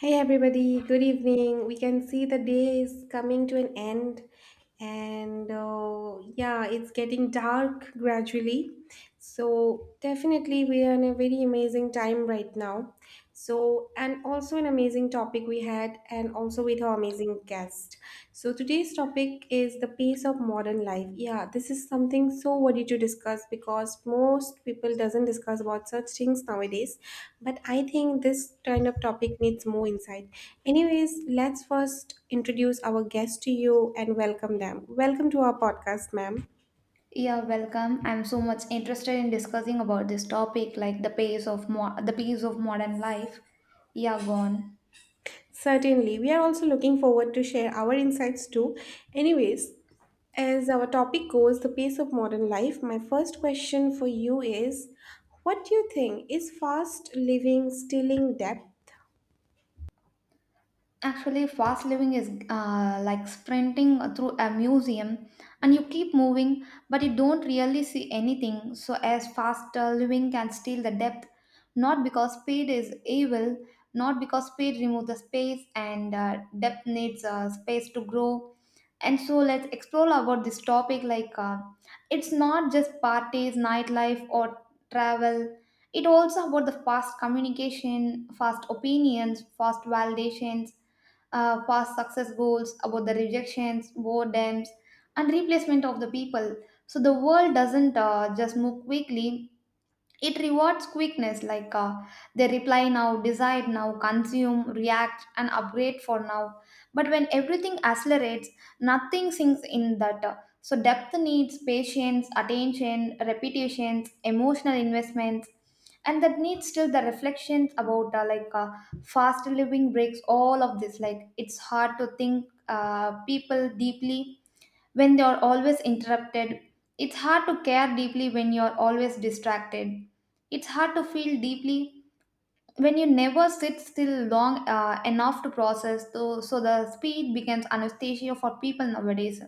Hey everybody, good evening. We can see the day is coming to an end, and yeah, it's getting dark gradually. So, definitely, we are in a very amazing time right now. So, and also an amazing topic we had, and also with our amazing guest. So today's topic is the pace of modern life. Yeah, this is something so worthy to discuss because most people doesn't discuss about such things nowadays. But I think this kind of topic needs more insight. Anyways, let's first introduce our guest to you and welcome them. Welcome to our podcast, ma'am. Yeah, welcome. I'm so much interested in discussing about this topic, like the pace of modern life. Yeah, go on. Certainly, we are also looking forward to share our insights too. Anyways, as our topic goes, the pace of modern life, my first question for you is what do you think is fast living stealing depth? Actually, fast living is like sprinting through a museum and you keep moving, but you don't really see anything. So, as fast living can steal the depth, not because speed is evil, not because speed removes the space and depth needs space to grow. And so, let's explore about this topic like. It's not just parties, nightlife, or travel. It also about the fast communication, fast opinions, fast validations, past success goals, about the rejections, boredoms, and replacement of the people. So the world doesn't just move quickly, it rewards quickness, like, they reply now, decide now, consume, react, and upgrade for now. But when everything accelerates, nothing sinks in that. So, depth needs patience, attention, repetitions, emotional investments, and that needs still the reflections about fast living breaks all of this. Like, it's hard to think people deeply when they are always interrupted. It's hard to care deeply when you're always distracted. It's hard to feel deeply when you never sit still long enough to process, so the speed becomes anesthesia for people nowadays,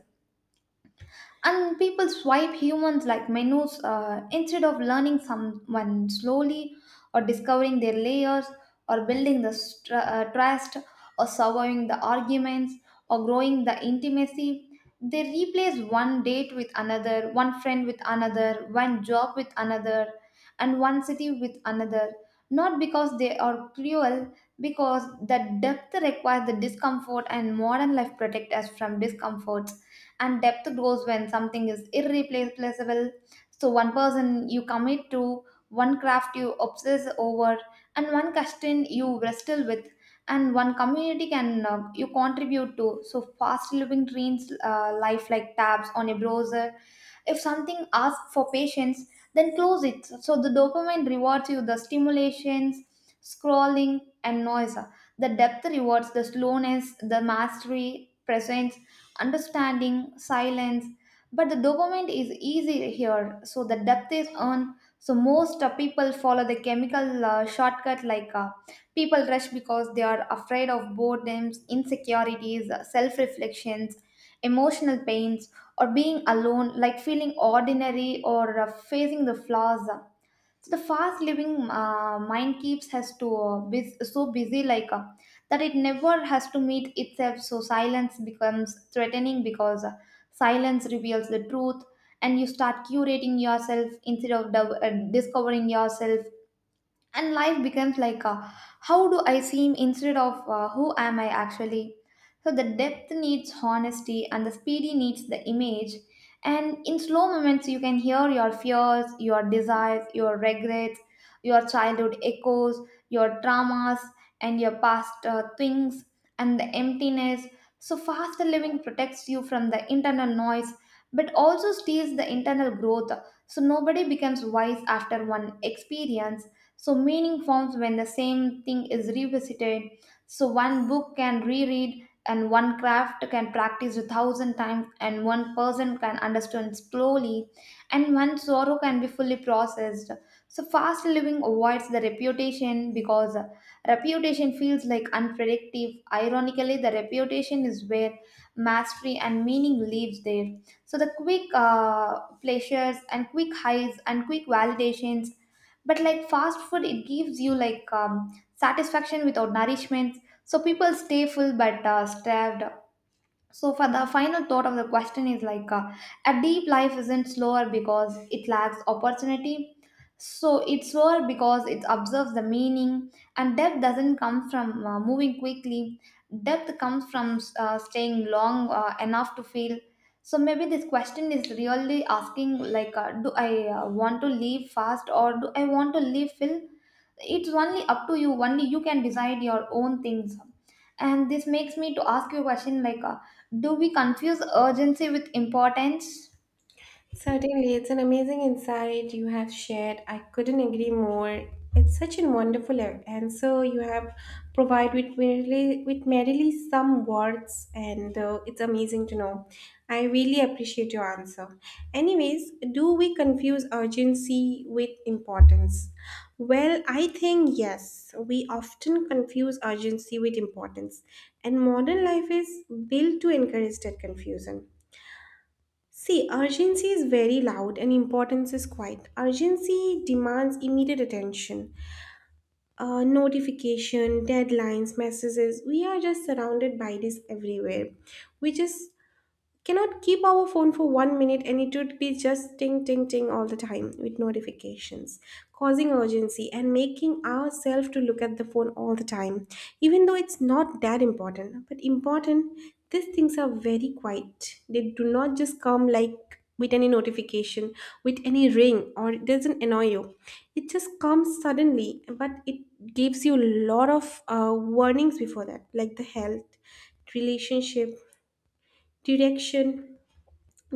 and people swipe humans like menus instead of learning someone slowly, or discovering their layers, or building trust, or surviving the arguments, or growing the intimacy. They replace one date with another, one friend with another, one job with another, and one city with another, not because they are cruel, because the depth requires the discomfort and modern life protect us from discomforts, and depth grows when something is irreplaceable. So one person you commit to, one craft you obsess over, and one question you wrestle with, and one community can you contribute to. So fast living trains life like tabs on a browser. If something asks for patience, then close it. So the dopamine rewards you the stimulations, scrolling, and noise. The depth rewards the slowness, the mastery, presence, understanding, silence. But the dopamine is easy here, so the depth is earned. So most people follow the chemical shortcut like, people rush because they are afraid of boredoms, insecurities, self reflections, emotional pains, or being alone, like feeling ordinary or facing the flaws. So the fast living mind keeps us to so busy like that it never has to meet itself. So silence becomes threatening because silence reveals the truth, and you start curating yourself instead of discovering yourself, and life becomes like, how do I seem instead of who am I actually. So the depth needs honesty and the speedy needs the image, and in slow moments you can hear your fears, your desires, your regrets, your childhood echoes, your traumas, and your past things, and the emptiness. So faster living protects you from the internal noise, but also steals the internal growth. So nobody becomes wise after one experience. So, meaning forms when the same thing is revisited. So, one book can reread, and one craft can practice a thousand times, and one person can understand slowly, and one sorrow can be fully processed. So, fast living avoids the reputation because reputation feels like unpredictable. Ironically, the reputation is where mastery and meaning lives there. So, the quick pleasures and quick highs and quick validations, but like fast food it gives you like satisfaction without nourishment. So people stay full but starved. So, for the final thought of the question is like, a deep life isn't slower because it lacks opportunity. So, it's slower because it observes the meaning, and depth doesn't come from moving quickly. Depth comes from staying long enough to feel. So, maybe this question is really asking like, do I want to leave fast or do I want to leave full? It's only up to you, only you can decide your own things. And this makes me to ask you a question like, do we confuse urgency with importance? Certainly, it's an amazing insight you have shared. I couldn't agree more. It's such a wonderful answer you have provided with merely some words, and it's amazing to know. I really appreciate your answer. Anyways, do we confuse urgency with importance? Well, I think yes. We often confuse urgency with importance, and modern life is built to encourage that confusion. See, urgency is very loud and importance is quiet. Urgency demands immediate attention. Notification, deadlines, messages. We are just surrounded by this everywhere, which is cannot keep our phone for 1 minute and it would be just ting ting ting all the time with notifications, causing urgency and making ourselves to look at the phone all the time even though it's not that important. But important, these things are very quiet. They do not just come like with any notification, with any ring, or it doesn't annoy you. It just comes suddenly, but it gives you a lot of uh, warnings before that, like the health, relationship, direction.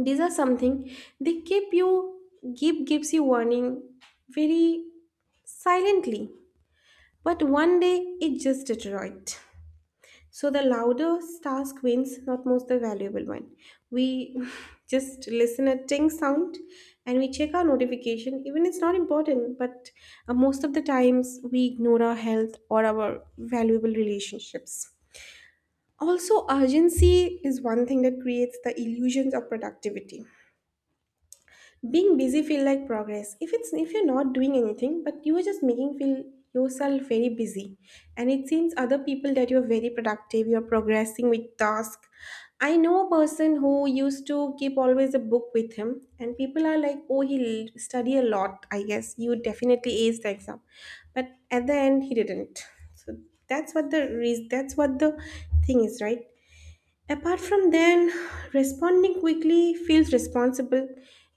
These are something they keep you, gives you warning very silently, but one day it just deteriorates. So the louder task wins, not most the valuable one. We just listen a ting sound and we check our notification even it's not important, but most of the times we ignore our health or our valuable relationships. Also, urgency is one thing that creates the illusions of productivity. Being busy feel like progress. If you're not doing anything, but you are just making feel yourself very busy, and it seems other people that you're very productive, you're progressing with task. I know a person who used to keep always a book with him, and people are like, "Oh, he'll study a lot. I guess you definitely ace the exam," but at the end, he didn't. So that's what the reason. That's what the thing is, right? Apart from then, responding quickly feels responsible.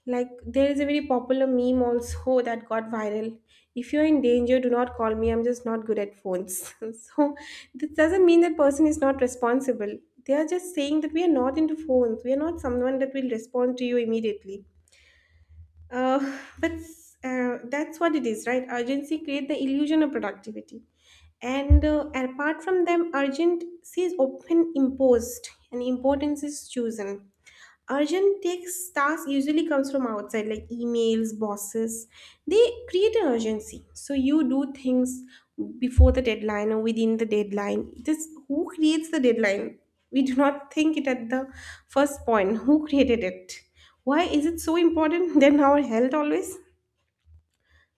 Like there is a very popular meme also that got viral. If you're in danger, do not call me. I'm just not good at phones. So this doesn't mean that person is not responsible. They are just saying that we are not into phones. We are not someone that will respond to you immediately. That's that's what it is, right? Urgency creates the illusion of productivity, and apart from them, urgency is often imposed, and importance is chosen. Urgent takes task usually comes from outside, like emails, bosses. They create an urgency. So you do things before the deadline or within the deadline. This who creates the deadline? We do not think it at the first point. Who created it? Why is it so important than our health always?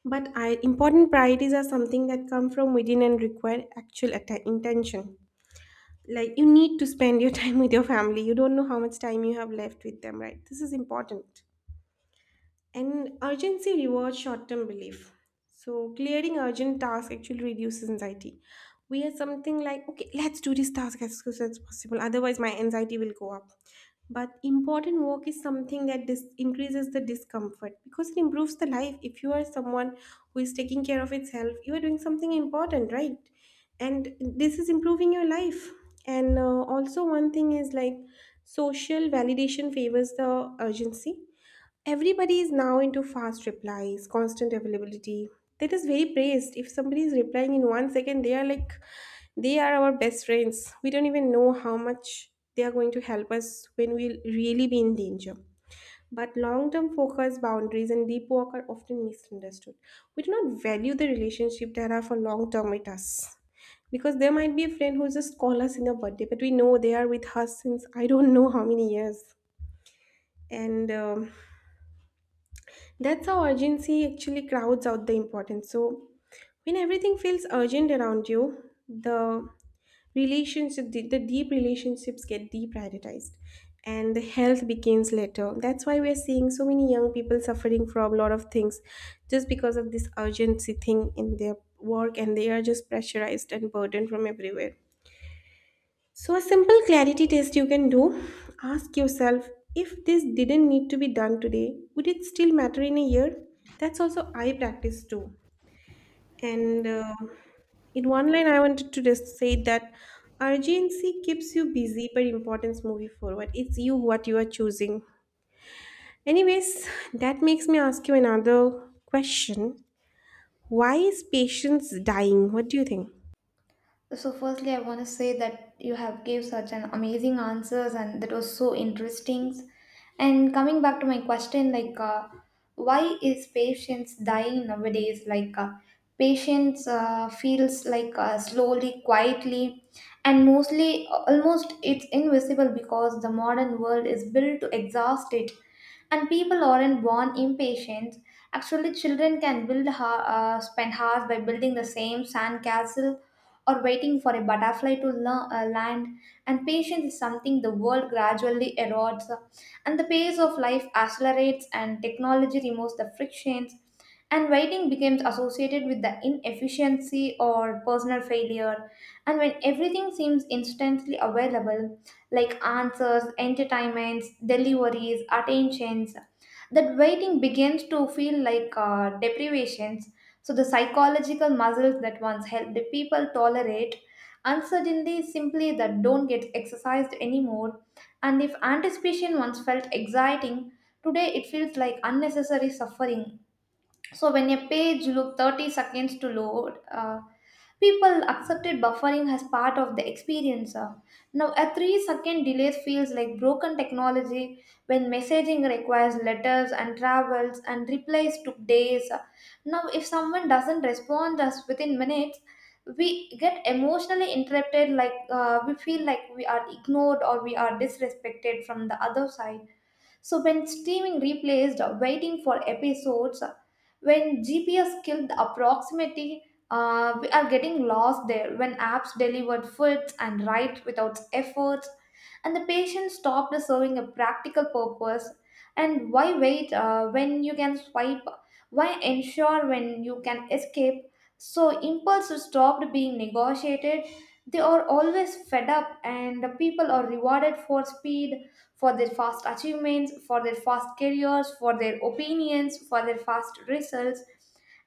But important priorities are something that come from within and require actual intention. Like you need to spend your time with your family. You don't know how much time you have left with them, right? This is important. And urgency rewards short term relief. So, clearing urgent tasks actually reduces anxiety. We are something like, okay, let's do this task as soon as possible, otherwise, my anxiety will go up. But important work is something that increases the discomfort because it improves the life. If you are someone who is taking care of itself, you are doing something important, right? And this is improving your life. And also, one thing is like social validation favors the urgency. Everybody is now into fast replies, constant availability. That is very praised. If somebody is replying in 1 second, they are like, they are our best friends. We don't even know how much they are going to help us when we'll really be in danger. But long term focus, boundaries, and deep work are often misunderstood. We do not value the relationship that are for long term with us. Because there might be a friend who just call us in a birthday, but we know they are with us since I don't know how many years, and that's how urgency actually crowds out the importance. So, when everything feels urgent around you, the relationship, the deep relationships get deprioritized, and the health begins later. That's why we're seeing so many young people suffering from a lot of things, just because of this urgency thing in their work, and they are just pressurized and burdened from everywhere. So, a simple clarity test you can do, ask yourself, if this didn't need to be done today, would it still matter in a year? That's also I practice too. And in one line, I wanted to just say that urgency keeps you busy, but importance moves you forward. It's you what you are choosing. Anyways, that makes me ask you another question. Why is patience dying? What do you think? So firstly, I want to say that you have gave such an amazing answers, and that was so interesting. And coming back to my question, like, why is patience dying nowadays? Like, patients feels like slowly, quietly, and mostly almost it's invisible because the modern world is built to exhaust it, and people aren't born impatient. Actually, children can spend hours by building the same sand castle or waiting for a butterfly to land. And patience is something the world gradually erodes, and the pace of life accelerates, and technology removes the frictions, and waiting becomes associated with the inefficiency or personal failure. And when everything seems instantly available, like answers, entertainments, deliveries, attentions, that waiting begins to feel like deprivations. So the psychological muscles that once helped the people tolerate uncertainty simply that don't get exercised anymore. And if anticipation once felt exciting, today it feels like unnecessary suffering. So when a page took 30 seconds to load, people accepted buffering as part of the experience. Now a three-second delay feels like broken technology. When messaging requires letters and travels and replies took days, now if someone doesn't respond us within minutes, we get emotionally interrupted, like we feel like we are ignored or we are disrespected from the other side. So when streaming replaced waiting for episodes, when GPS killed the proximity, we are getting lost there. When apps delivered foods and right without effort, and the patient stopped serving a practical purpose. And why wait when you can swipe? Why ensure when you can escape? So impulses stopped being negotiated. They are always fed up, and the people are rewarded for speed, for their fast achievements, for their fast careers, for their opinions, for their fast results.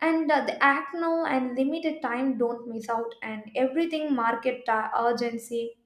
And the act now and limited time don't miss out, and everything market urgency,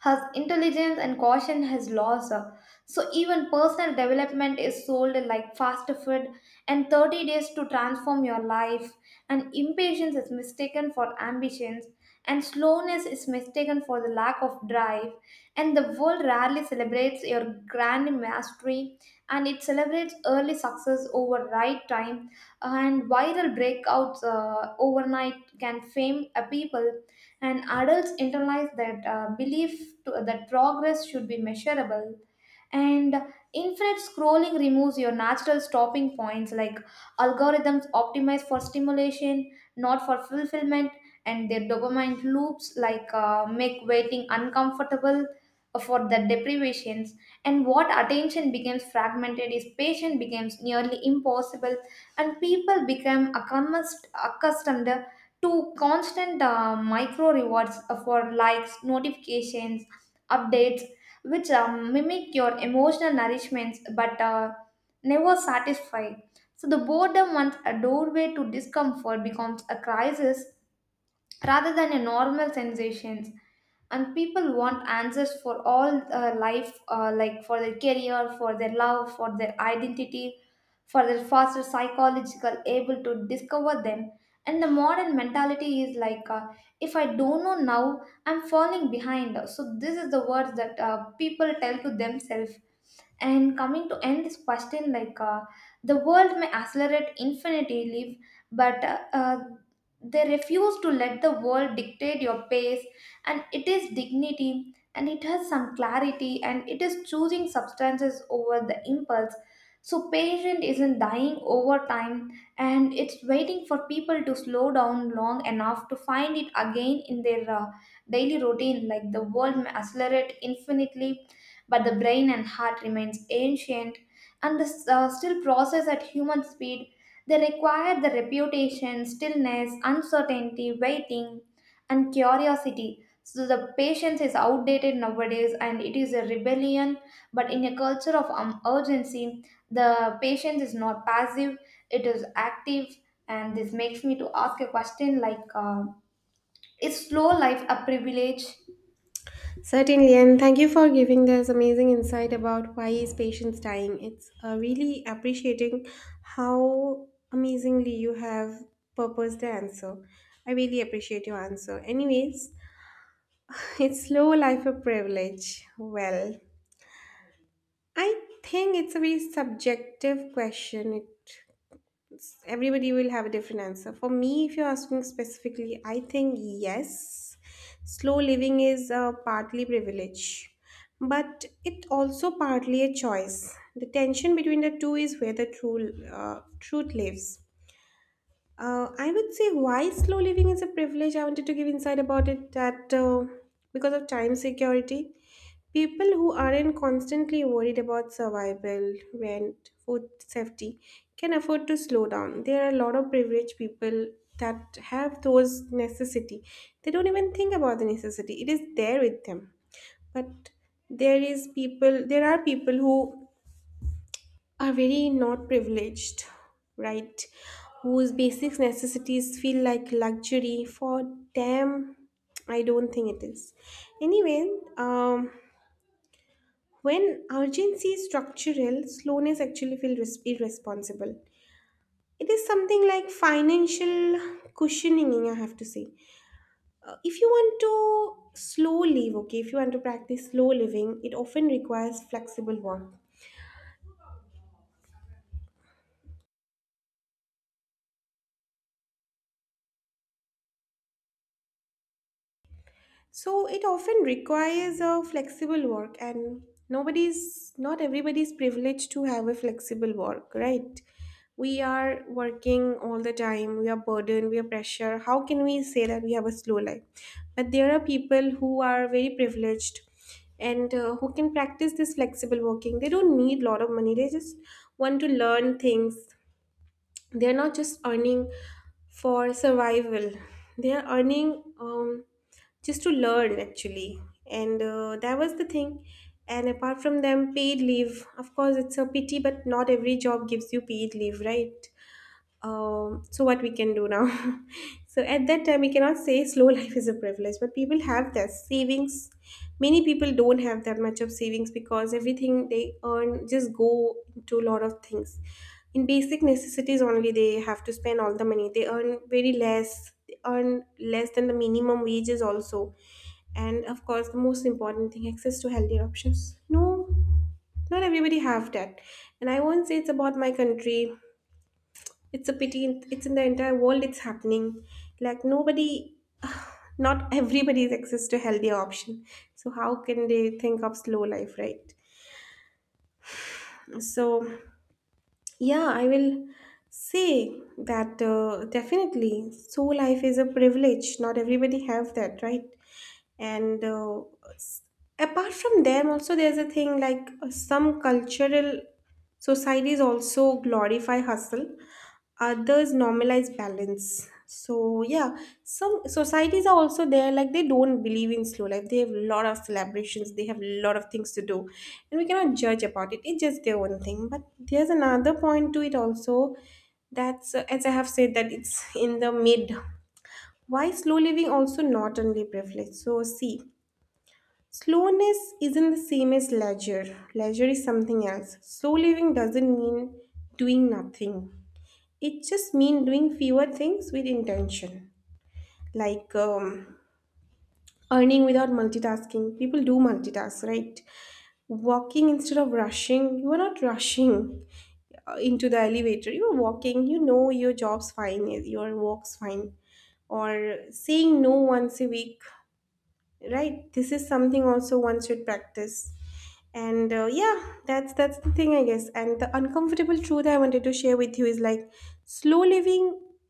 her intelligence and caution has lost her. So even personal development is sold like fast food, and 30 days to transform your life. And impatience is mistaken for ambitions, and slowness is mistaken for the lack of drive. And the world rarely celebrates your grand mastery, and it celebrates early success over right time, and viral breakouts overnight can fame a people. And adults internalize that belief to, that progress should be measurable. And infinite scrolling removes your natural stopping points, like algorithms optimize for stimulation, not for fulfillment. And their dopamine loops like make waiting uncomfortable, for the deprivations. And what attention becomes fragmented is patient becomes nearly impossible, and people become accustomed to constant micro rewards, for likes, notifications, updates, which mimic your emotional nourishments but never satisfy. So the boredom once a doorway to discomfort becomes a crisis rather than a normal sensations. And people want answers for all life, like for their career, for their love, for their identity, for their faster psychological able to discover them. And the modern mentality is like, if I don't know now I'm falling behind. So this is the words that people tell to themselves. And coming to end this question, like, the world may accelerate infinity leap, but they refuse to let the world dictate your pace, and it is dignity, and it has some clarity, and it is choosing substances over the impulse. So patient isn't dying over time, and it's waiting for people to slow down long enough to find it again in their daily routine. Like the world may accelerate infinitely, but the brain and heart remains ancient, and this, still process at human speed. They require the reputation, stillness, uncertainty, waiting, and curiosity. So the patience is outdated nowadays and it is a rebellion. But in a culture of urgency, the patience is not passive, it is active. And this makes me to ask a question like, is slow life a privilege? Certainly, and thank you for giving this amazing insight about why is patients dying. It's really appreciating how amazingly you have purposed the answer. I really appreciate your answer. Anyways, it's slow life a privilege. Well, I think it's a very subjective question. It everybody will have a different answer. For me, if you're asking specifically, I think yes, slow living is partly privilege, but it also partly a choice. The tension between the two is where the true truth lives. I would say why slow living is a privilege. I wanted to give insight about it that because of time security, people who aren't constantly worried about survival, rent, food safety can afford to slow down. There are a lot of privileged people that have those necessity. They don't even think about the necessity. It is there with them. But there are people who are very not privileged, right? Whose basic necessities feel like luxury for them. I don't think it is. Anyway, um, when urgency is structural, slowness actually feels irresponsible. It is something like financial cushioning, I have to say. If you want to slow live, okay, if you want to practice slow living, it often requires flexible work. So it often requires a flexible work, and nobody's not everybody's privileged to have a flexible work, right? We are working all the time, we are burdened, we are pressure. How can we say that we have a slow life? But there are people who are very privileged and who can practice this flexible working. They don't need a lot of money. They just want to learn things, they're not just earning for survival, they are earning just to learn actually. And that was the thing. And apart from them, paid leave of course it's a pity, but not every job gives you paid leave, right? So what we can do now? So at that time we cannot say slow life is a privilege, but people have that savings. Many people don't have that much of savings because everything they earn just go to a lot of things. In basic necessities only they have to spend all the money they earn. Very less they earn, less than the minimum wages also. And of course the most important thing, access to healthier options. No, not everybody have that. And I won't say it's about my country. It's a pity. It's in the entire world. It's happening. Like nobody, not everybody is access to healthier option. So how can they think of slow life, right? So yeah, I will say that definitely slow life is a privilege. Not everybody have that, right? And s- apart from them, also there's a thing like some cultural societies also glorify hustle, others normalize balance. So yeah, some societies are also there like they don't believe in slow life, they have a lot of celebrations, they have a lot of things to do, and we cannot judge about it. It's just their own thing. But there's another point to it also. That's as I have said that it's in the mid, why slow living also not only privilege. So see, slowness isn't the same as leisure. Leisure is something else. Slow living doesn't mean doing nothing. It just means doing fewer things with intention, like earning without multitasking. People do multitask, right? Walking instead of rushing. You are not rushing into the elevator. You are walking. You know your job's fine. Your work's fine. Or saying no once a week, right? This is something also one should practice. And yeah, that's the thing I guess. And the uncomfortable truth I wanted to share with you is like, slow living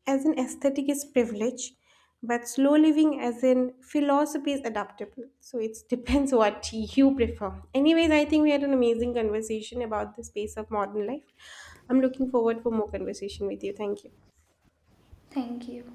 as an aesthetic is privilege, but slow living as in philosophy is adaptable. So it depends what you prefer. Anyways, I think we had an amazing conversation about the space of modern life. I'm looking forward for more conversation with you. Thank you. Thank you.